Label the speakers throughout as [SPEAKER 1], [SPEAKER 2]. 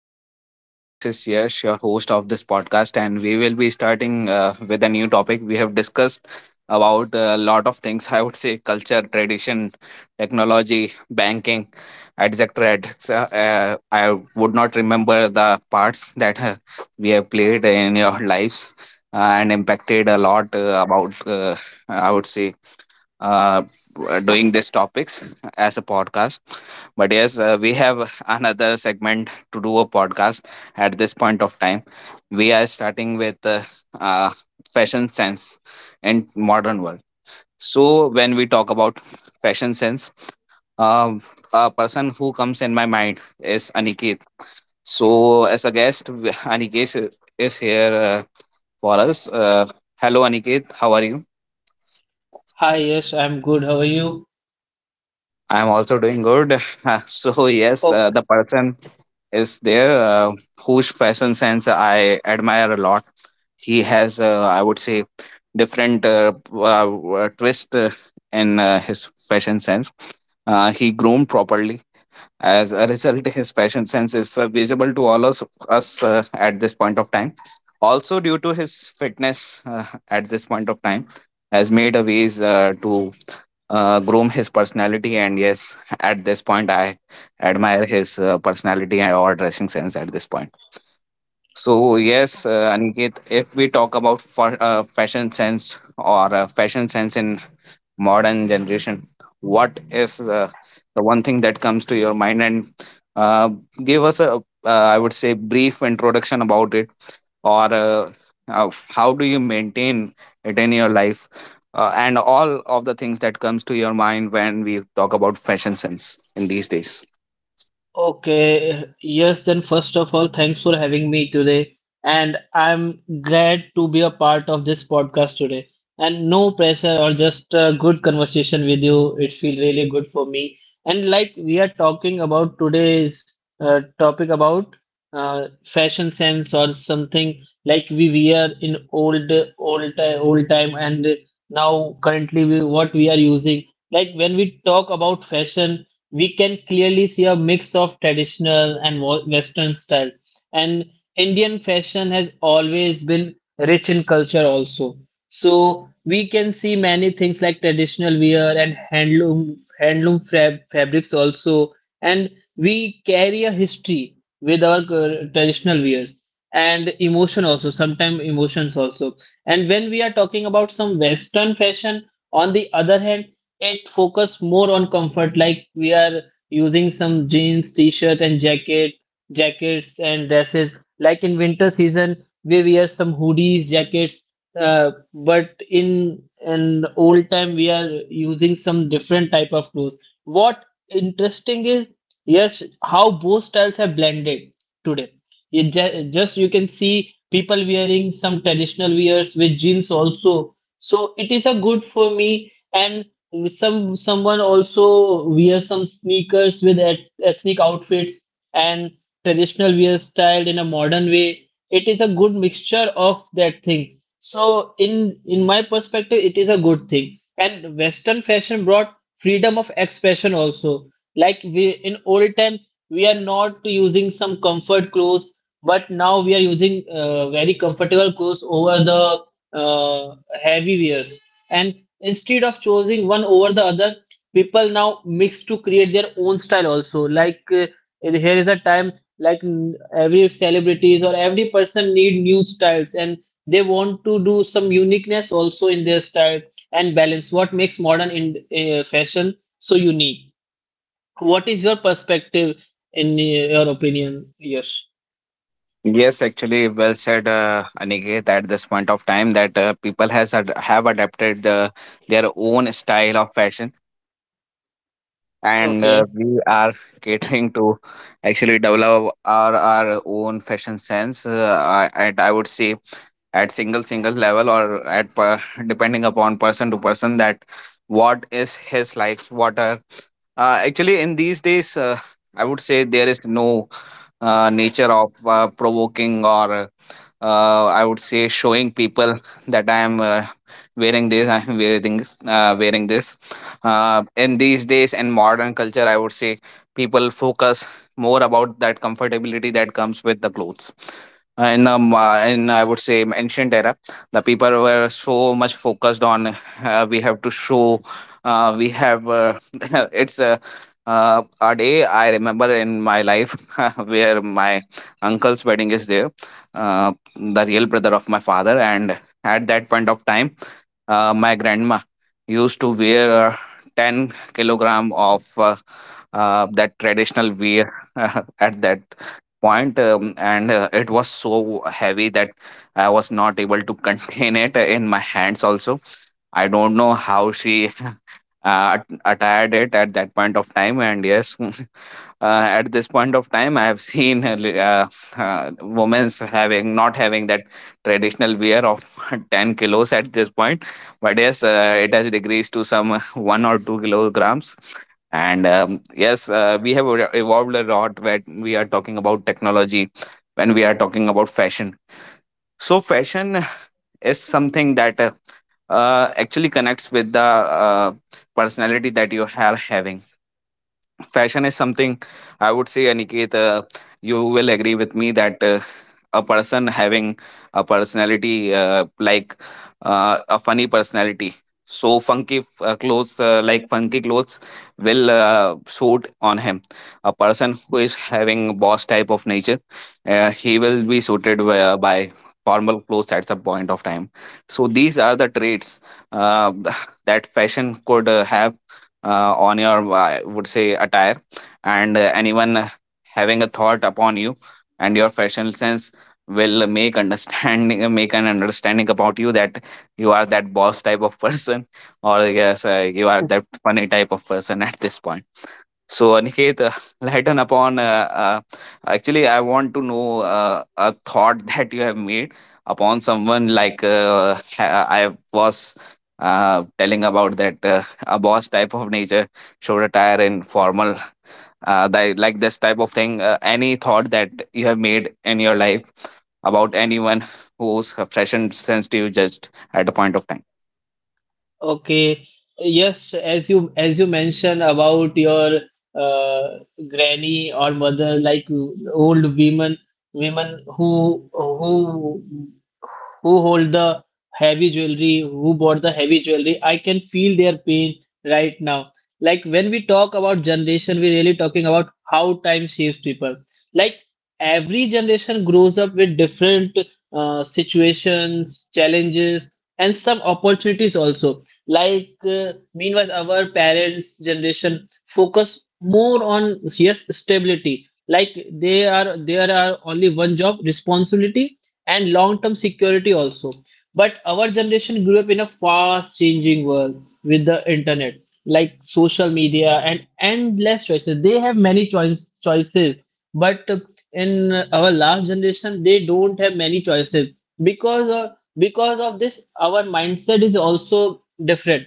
[SPEAKER 1] Everyone, this is Yash, your host of this podcast, and we will be starting with a new topic. We have discussed about a lot of things. I would say culture, tradition, technology, banking, etc. etc. I would not remember the parts that we have played in your lives and impacted a lot about. I would say uh, Doing these topics as a podcast. But yes, we have another segment to do a podcast at this point of time. We are starting with uh, fashion sense in modern world. So when we talk about fashion sense, um, a person who comes in my mind is Aniket. So as a guest, Aniket is here for us. Hello, Aniket, how are you?
[SPEAKER 2] Hi, yes, I'm good. How are you?
[SPEAKER 1] I'm also doing good. So yes,
[SPEAKER 2] Oh.
[SPEAKER 1] the person is there whose fashion sense I admire a lot. He has, I would say, different twist in his fashion sense. He groomed properly. As a result, his fashion sense is visible to all of us at this point of time. Also, due to his fitness at this point of time, has made a ways to groom his personality. And yes, at this point, I admire his personality and or dressing sense at this point. So yes, Aniket, if we talk about fashion sense or fashion sense in modern generation, what is the one thing that comes to your mind, and uh, give us a, I would say, brief introduction about it, or how do you maintain it in your life and all of the things that comes to your mind when we talk about fashion sense in these days?
[SPEAKER 2] Okay, yes, then first of all, thanks for having me today. And I'm glad to be a part of this podcast today. And no pressure or just a good conversation with you. It feels really good for me. And like we are talking about today's topic about fashion sense or something like we wear in old time and now currently we, what we are using. Like when we talk about fashion, we can clearly see a mix of traditional and western style, and Indian fashion has always been rich in culture also, so we can see many things like traditional wear and handloom fabrics also, and we carry a history with our traditional wears and emotion, also sometimes emotions also. And when we are talking about some western fashion, on the other hand, it focus more on comfort. Like we are using some jeans, t-shirts and jackets and dresses, like in winter season we wear some hoodies, jackets. But in an old time we are using some different type of clothes. What interesting is, yes, how both styles have blended today. You just, you can see people wearing some traditional wears with jeans also, so it is a good for me. And someone also wears some sneakers with et ethnic outfits and traditional wear styled in a modern way. It is a good mixture of that thing. So in my perspective, it is a good thing. And Western fashion brought freedom of expression also. Like we, in old time, we are not using some comfort clothes, but now we are using very comfortable clothes over the uh, heavy wears. And instead of choosing one over the other, people now mix to create their own style also. Like here is a time like every celebrities or every person need new styles, and they want to do some uniqueness also in their style and balance. What makes modern in fashion so unique? What is your perspective in your opinion? Yes.
[SPEAKER 1] Yes, actually, well said, Aniket, at this point of time that people have adapted their own style of fashion. And
[SPEAKER 2] Okay.
[SPEAKER 1] we are catering to actually develop our own fashion sense at, I would say, at single level or at per, depending upon person to person, that what is his likes, what are, actually, in these days, I would say there is no nature of provoking or, I would say, showing people that I am wearing this, I am wearing this, wearing this. In these days in modern culture, I would say people focus more about that comfortability that comes with the clothes. In I would say ancient era, the people were so much focused on, we have to show, we have. It's a, a day I remember in my life, where my uncle's wedding is there, the real brother of my father, and at that point of time, my grandma used to wear 10 kilogram of that traditional wear. At that point, and it was so heavy that I was not able to contain it in my hands also. I don't know how she uh, acquired it at that point of time. And yes, at this point of time I have seen women's having not having that traditional wear of 10 kilos at this point. But yes, it has decreased to some 1 or 2 kilograms. And yes, we have evolved a lot when we are talking about technology, when we are talking about fashion. So fashion is something that actually connects with the uh, personality that you are having. Fashion is something, I would say, Aniket, you will agree with me that a person having a personality like a funny personality, so funky clothes will suit on him. A person who is having boss type of nature, he will be suited by formal clothes at some point of time. So these are the traits uh, that fashion could have on your, I would say, attire. And anyone having a thought upon you and your fashion sense will make understanding make an understanding about you that you are that boss type of person, or yes, you are that funny type of person at this point. So, Aniket, lighten upon. Actually, I want to know a thought that you have made upon someone, like I was telling about that a boss type of nature should attire and formal, like this type of thing. Any thought that you have made in your life about anyone who's fashion sensitive just at a point of time?
[SPEAKER 2] Okay. Yes, as you mentioned about your uh, granny or mother, like old women, women who hold the heavy jewelry, who bought the heavy jewelry, I can feel their pain right now. Like when we talk about generation, we're really talking about how time shapes people. Like every generation grows up with different situations, challenges, and some opportunities also. Like, meanwhile, our parents' generation focus more on, yes, stability. Like they are there are only one job, responsibility, and long-term security also. But our generation grew up in a fast-changing world with the internet, like social media and endless choices. They have many choices, but in our last generation, they don't have many choices. because uh, because of this, our mindset is also different.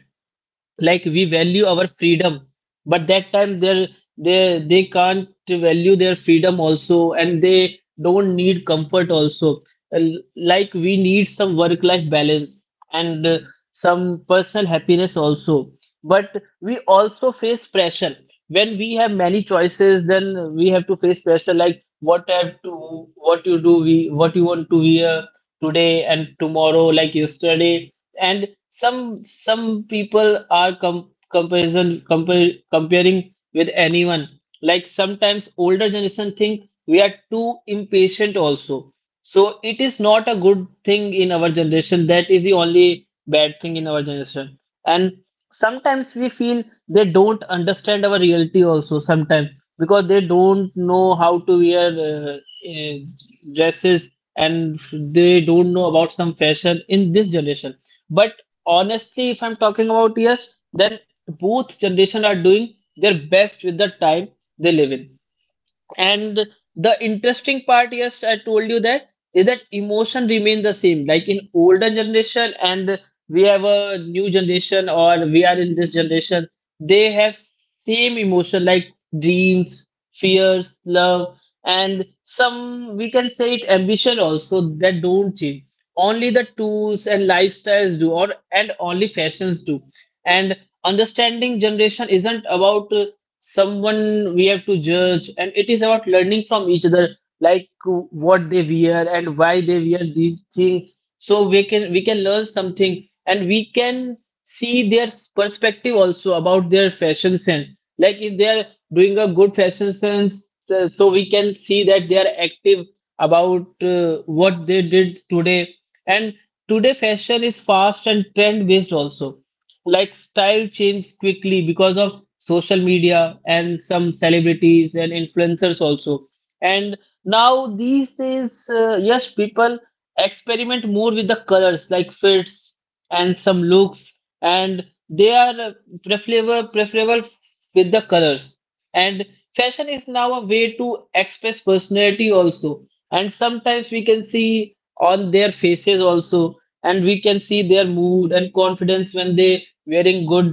[SPEAKER 2] Like we value our freedom, but that time they can't value their freedom also, and they don't need comfort also. Like we need some work life balance and some personal happiness also. But we also face pressure. When we have many choices, then we have to face pressure, like what have to what you do we what you want to wear today and tomorrow like yesterday. And some people are comparing with anyone. Like, sometimes older generation think we are too impatient also. So it is not a good thing in our generation. That is the only bad thing in our generation. And sometimes we feel they don't understand our reality also, sometimes, because they don't
[SPEAKER 1] Yes, I
[SPEAKER 2] know how
[SPEAKER 1] totally
[SPEAKER 2] to wear
[SPEAKER 1] agree with you, Aniket,
[SPEAKER 2] uh,
[SPEAKER 1] as you are having
[SPEAKER 2] dresses,
[SPEAKER 1] network
[SPEAKER 2] and
[SPEAKER 1] issues.
[SPEAKER 2] they don't know about some fashion in this generation. But honestly, if I'm talking about, yes, then both generation are doing their best with the time they live in. And the interesting part, yes, I told you, that is that emotion remain the same. Like in older generation, and we have a new generation, or we are in this generation, they have same emotion like dreams, fears, love, and some we can say it ambition also, that don't change. Only the tools and lifestyles do, or and only fashions do. And understanding generation isn't about someone we have to judge, and it is about learning from each other, like what they wear and why they wear these things, so we can learn something, and we can see their perspective also about their fashion sense. Like if they are doing a good fashion sense, so we can see that they are active about what they did today. And today fashion is fast and trend based also. Like, style changed quickly because of social media and some celebrities and influencers also. And now these days, yes, people experiment more with the colors, like fits and some looks, and they are preferable with the colors. And fashion is now a way to express personality also. And sometimes we can see on their faces also, and we can see their mood and confidence when they wearing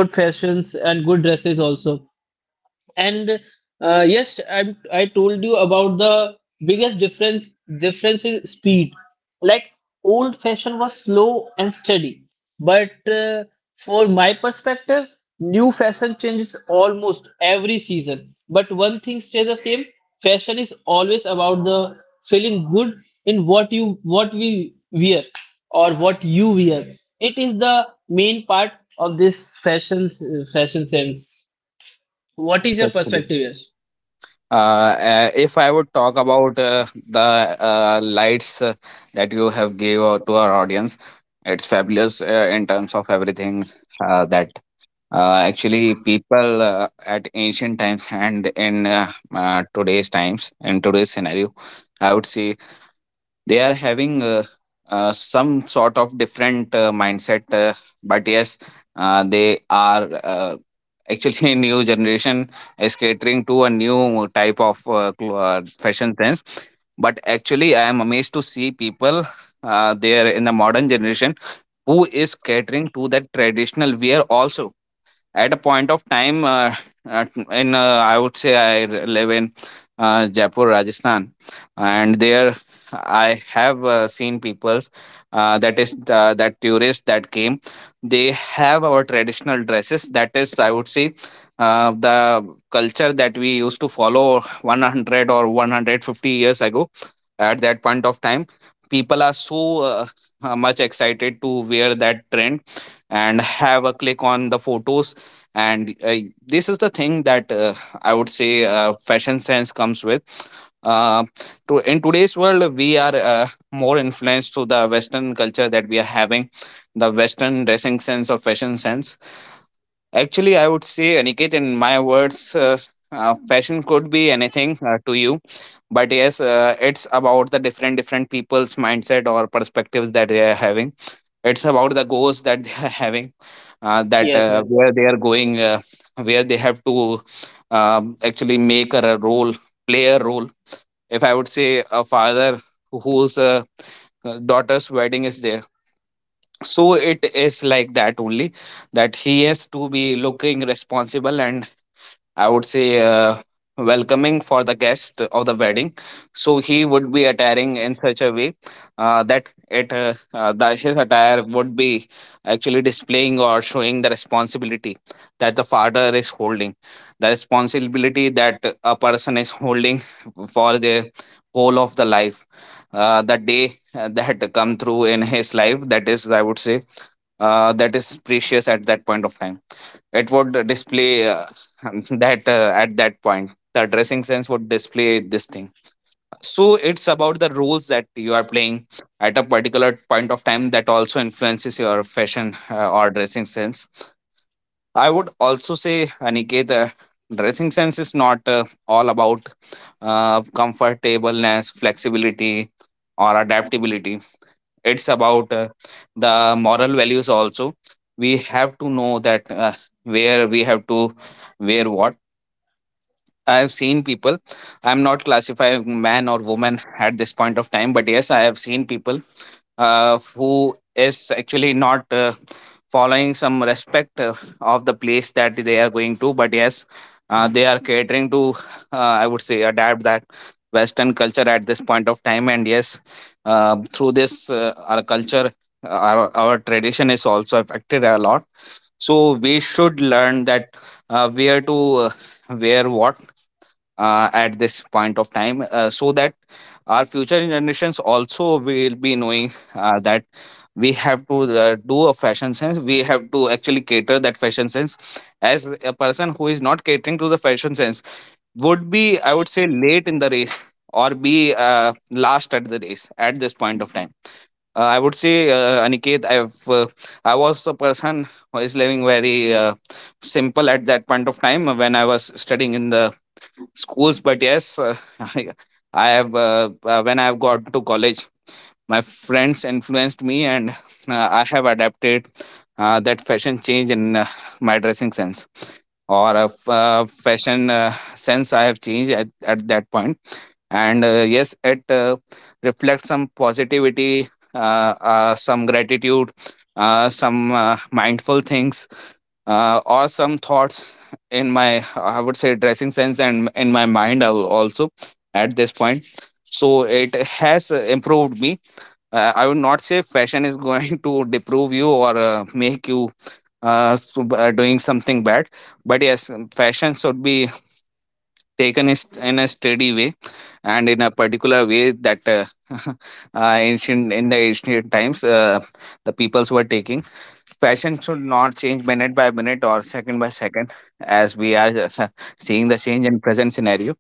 [SPEAKER 2] good fashions and good dresses also. And yes, I told you about the biggest difference is speed. Like old fashion was slow and steady, but for my perspective, new fashion changes almost every season. But one thing stays the same: fashion is always about the feeling good in what we wear, or what you wear. It is the main part of this fashion sense. What
[SPEAKER 1] Yes,
[SPEAKER 2] is your
[SPEAKER 1] actually.
[SPEAKER 2] perspective, Yash?
[SPEAKER 1] If I would talk about the lights that you have gave out to our audience, it's fabulous in terms of everything that actually people at ancient times and in today's times, in today's scenario, I would say, they are having some sort of different mindset. But yes, they are actually, new generation is catering to a new type of fashion sense. But actually, I am amazed to see people there in the modern generation who is catering to that traditional wear also at a point of time. At- in I would say I live in Jaipur, Rajasthan, and there I have seen peoples, that is that tourists that came, they have our traditional dresses, that is, I would say, the culture that we used to follow 100 or 150 years ago. At that point of time, people are so uh, much excited to wear that trend and have a click on the photos. And this is the thing that I would say fashion sense comes with uh, in today's world we are more influenced to the western culture that we are having, the western dressing sense or fashion sense. Actually, I would say, Aniket, in my words, fashion could be anything to you. But yes, it's about the different people's mindset or perspectives that they are having. It's about the goals that they are having, that
[SPEAKER 2] Yes, yes,
[SPEAKER 1] where they are going, where they have to actually make a role play a role. If I would say a father whose daughter's wedding is there, so it is like that only, that he has to be looking responsible and, I would say, welcoming for the guest of the wedding. So he would be attiring in such a way that his attire would be actually displaying or showing the responsibility that the father is holding, the responsibility that a person is holding for their whole of the life. The day that come through in his life, that is, I would say, that is precious at that point of time. It would display that at that point the dressing sense would display this thing. So it's about the roles that you are playing at a particular point of time, that also influences your fashion or dressing sense. I would also say, Aniket, dressing sense is not all about comfortableness, flexibility or adaptability. It's about the moral values also. We have to know that where we have to wear what. I've seen people. I'm not classifying man or woman at this point of time, but yes, I have seen people who is actually not following some respect of the place that they are going to. But yes, they are catering to, I would say, adapt that western culture at this point of time. And yes, through this, our culture, our tradition is also affected a lot. So we should learn that where to wear what at this point of time so that our future generations also will be knowing that we have to do a fashion sense, we have to actually cater that fashion sense, as a person who is not catering to the fashion sense would be, I would say, late in the race or be last at the race at this point of time. I would say, Aniket, I was a person who is living very simple at that point of time when I was studying in the schools. But yes, I have when I have got to college, my friends influenced me, and I have adapted that fashion change in my dressing sense, or a fashion sense I have changed at that point. And yes, it reflects some positivity, some gratitude, some mindful things, or some thoughts in my, I would say, dressing sense, and in my mind also at this point. So it has improved me. I would not say fashion is going to deprove you or make you doing something bad. But yes, fashion should be taken in a steady way, and in a particular way that ancient in the ancient times the peoples were taking. Fashion should not change minute by minute or second by second, as we are seeing the change in present scenario.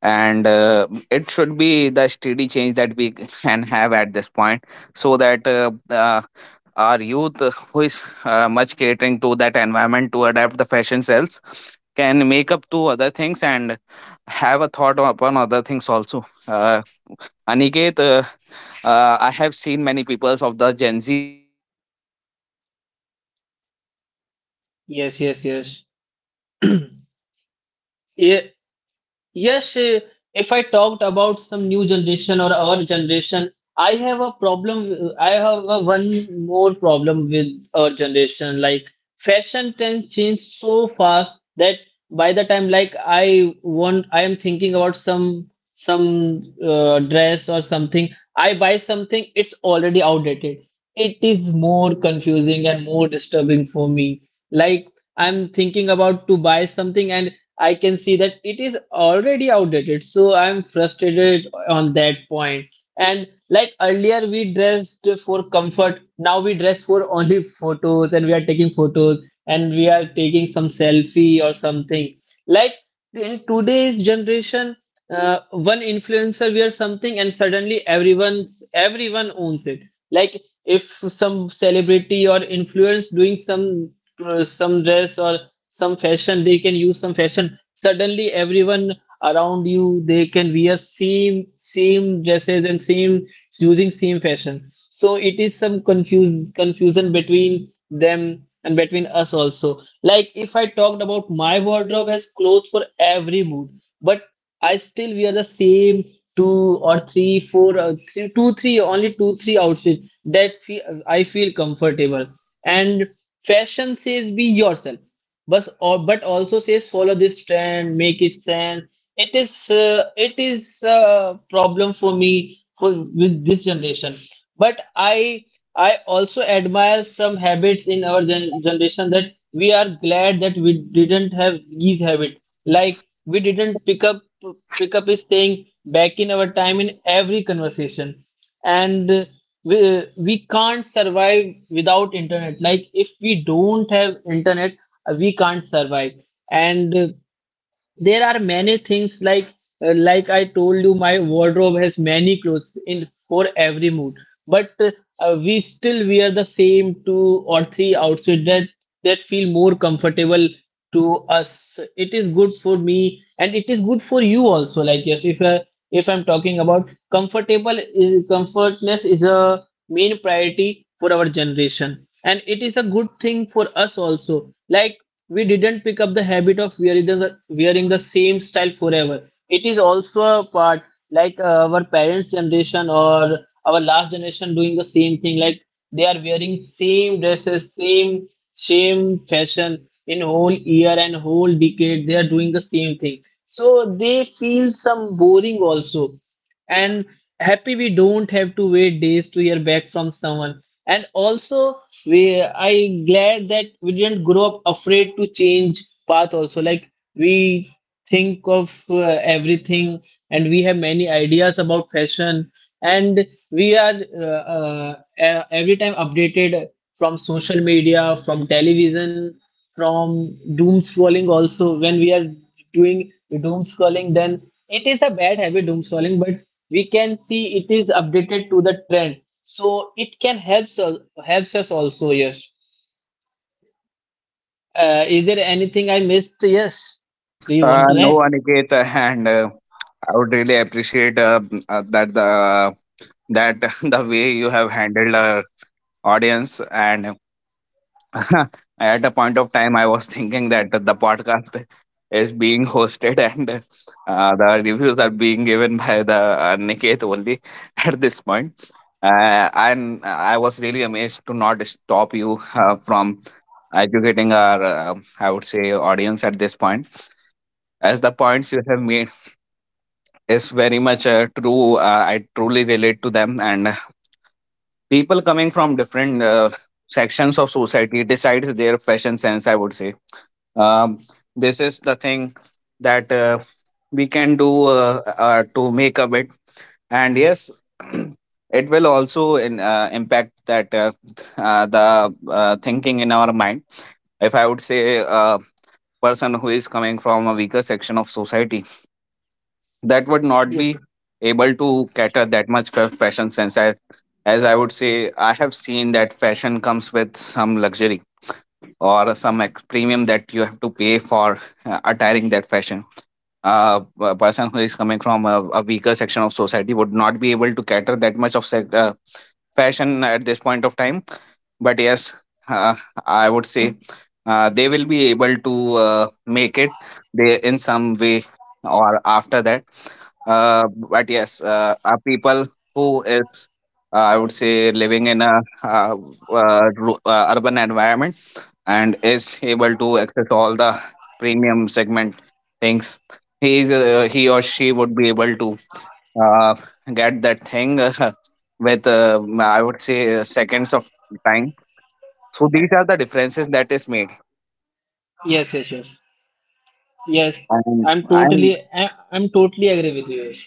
[SPEAKER 1] And it should be the steady change that we can have at this point, so that our youth, who is much catering to that environment to adapt the fashion cells, can make up to other things and have a thought upon other things also. Aniket, I have seen many peoples of the Gen Zs. I'm not
[SPEAKER 2] yes, yes, yes. Yeah. Yes, if I talked about some new generation or our generation, I have a problem. I have a one more problem with our generation. Like, fashion trends change so fast that by the time, like, I want, I am thinking about some dress or something. I buy something, it's already outdated. It is more confusing and more disturbing for me. Like, I'm thinking about to buy something, and I can see that it is already outdated, so I'm frustrated on that point. And like, earlier, we dressed for comfort. Now we dress for only photos, and we are taking photos, and we are taking some selfie or something. Like in today's generation, one influencer wears something, and suddenly everyone owns it. Like if some celebrity or influence doing some dress or some fashion, they can use some fashion. Suddenly everyone around you, they can wear same dresses and same, using same fashion. So it is some confuse confusion between them and between us also. Like if I talked about, my wardrobe has clothes for every mood, but I still wear the same two or three four three two three, only two three outfits that I feel comfortable. And fashion says be yourself, but or but also says follow this trend, make it sense. It is it is a problem for me for with this generation. But I also admire some habits in our generation that we are glad that we didn't have these habits. Like we didn't pick up. Pickup is staying back in our time in every conversation. And we can't survive without internet. Like if we don't have internet, we can't survive. And there are many things, like I told you, my wardrobe has many clothes in for every mood, but we still wear the same two or three outfits that feel more comfortable to us. It is good for me, and it is good for you also. Like, yes, if I'm talking about, comfortable is, comfortness is a main priority for our generation, and it is a good thing for us also. Like, we didn't pick up the habit of wearing the same style forever. It is also a part. Like our parents' generation or our last generation doing the same thing. Like they are wearing same dresses, same fashion in whole year and whole decade. They are doing the same thing, so they feel some boring also. And happy, we don't have to wait days to hear back from someone. And also, we I glad that we didn't grow up afraid to change path also. Like we think of everything, and we have many ideas about fashion. And we are every time updated from social media, from television, from doom scrolling also. When we are doing doom scrolling, then it is a bad habit, doom scrolling, but we can see it is updated to the trend, so it can helps us also, yes. Is there anything I missed? Yes, do you want to
[SPEAKER 1] No,
[SPEAKER 2] add?
[SPEAKER 1] Aniket, and I would really appreciate that the that the way you have handled our audience. And at a point of time, I was thinking that the podcast is being hosted and the reviews are being given by the Aniket only at this point. And I was really amazed to not stop you from educating our, I would say, audience at this point, as the points you have made is very much true. I truly relate to them. And people coming from different sections of society decides their fashion sense. I would say um, this is the thing that we can do to make a bit. And yes, it will also impact that the thinking in our mind. If I would say a person who is coming from a weaker section of society that would not be
[SPEAKER 2] Yes,
[SPEAKER 1] able to cater that much for fashion sense, as I would say, I have seen that fashion comes with some luxury or some premium that you have to pay for attiring that fashion. A person who is coming from a weaker section of society would not be able to cater that much of fashion at this point of time. But yes, uh, I would say, they will be able to uh, make it, they, in some way or after that. uh, but yes, are people who is, I would say, living in a uh, urban environment and is able to access all the premium segment things. He is, he or she would be able to uh, get that thing with, I would say, seconds of time. So these are the differences that is made.
[SPEAKER 2] yes, yes, yes, yes.
[SPEAKER 1] And
[SPEAKER 2] I'm totally agree with you. Yes.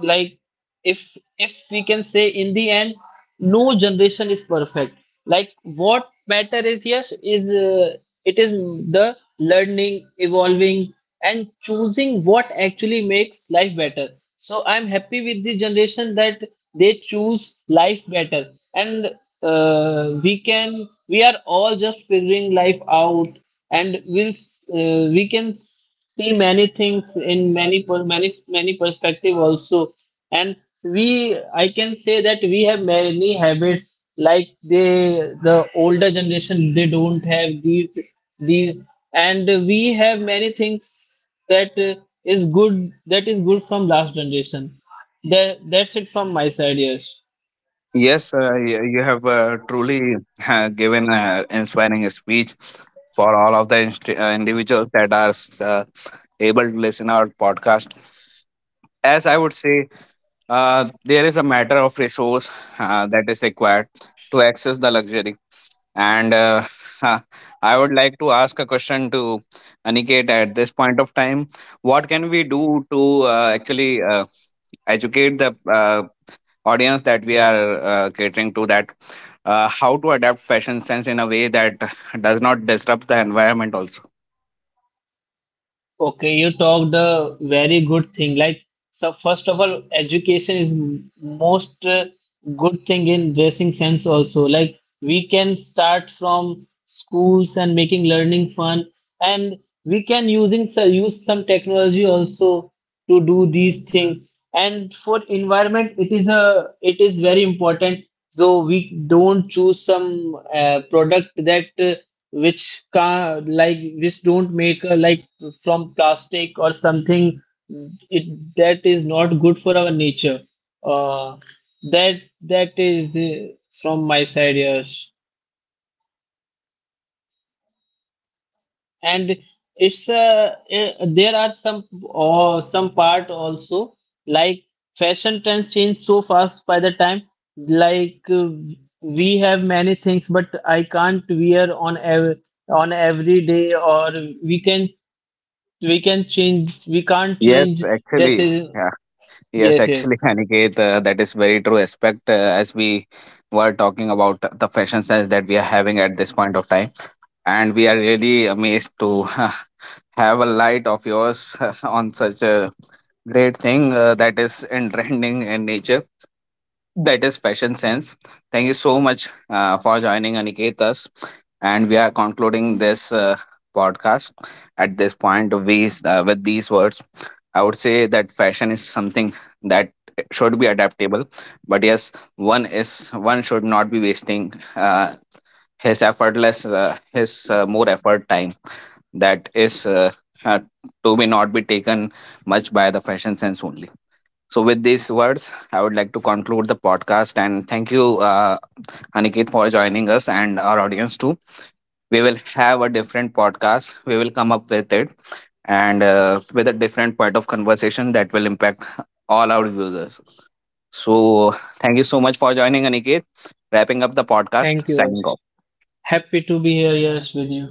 [SPEAKER 2] Like, if we can say, in the end, no generation is perfect. Like, what matter is, yes, is it is the learning, evolving, and choosing what actually makes life better. So I'm happy with the generation that they choose life better. And we are all just figuring life out. And we can see many things in many perspective also. And we I can say that we have many habits like the older generation they don't have these. And we have many things that is good, that is good from last generation. That's it from my side. Yes.
[SPEAKER 1] yes, you have truly given an inspiring speech for all of the individuals that are uh, able to listen our podcast. As I would say, there is a matter of resource that is required to access the luxury. And I would like to ask a question to Aniket at this point of time. What can we do to actually educate the audience that we are catering to, that how to adapt fashion sense in a way that does not disrupt the environment also?
[SPEAKER 2] Okay, you talked a very good thing. Like, so first of all, education is most good thing in dressing sense also. Like, we can start from schools and making learning fun, and we can using, so use some technology also to do these things. And for environment, it is very important. So we don't choose some product that. Which can, like, which don't make like from plastic or something. It That is not good for our nature. uh that that is the, from my side, yes. And it's there are some part also. Like, fashion trends change so fast by the time, like, we have many things, but I can't wear on ev on every day, or we can we can't
[SPEAKER 1] Yes,
[SPEAKER 2] change
[SPEAKER 1] actually.
[SPEAKER 2] decision.
[SPEAKER 1] Yeah. Yes,
[SPEAKER 2] Yes,
[SPEAKER 1] actually,
[SPEAKER 2] yes,
[SPEAKER 1] Aniket, that is very true aspect, as we were talking about the fashion sense that we are having at this point of time. And we are really amazed to have a light of yours on such a great thing, that is in trending in nature. That is fashion sense. Thank you so much for joining, Aniketas. And we are concluding this podcast at this point of these, with these words. I would say that fashion is something that should be adaptable, but yes, one is, one should not be wasting his effortless, his more effort time that is uh, to be not be taken much by the fashion sense only. So, with these words, I would like to conclude the podcast and thank you, Aniket, for joining us and our audience too. We will have a different podcast. We will come up with it and with a different point of conversation that will impact all our users. So, thank you so much for joining, Aniket. Wrapping up the podcast,
[SPEAKER 2] thank you,
[SPEAKER 1] signing
[SPEAKER 2] Yash.
[SPEAKER 1] off.
[SPEAKER 2] Happy to be here, yes, with you.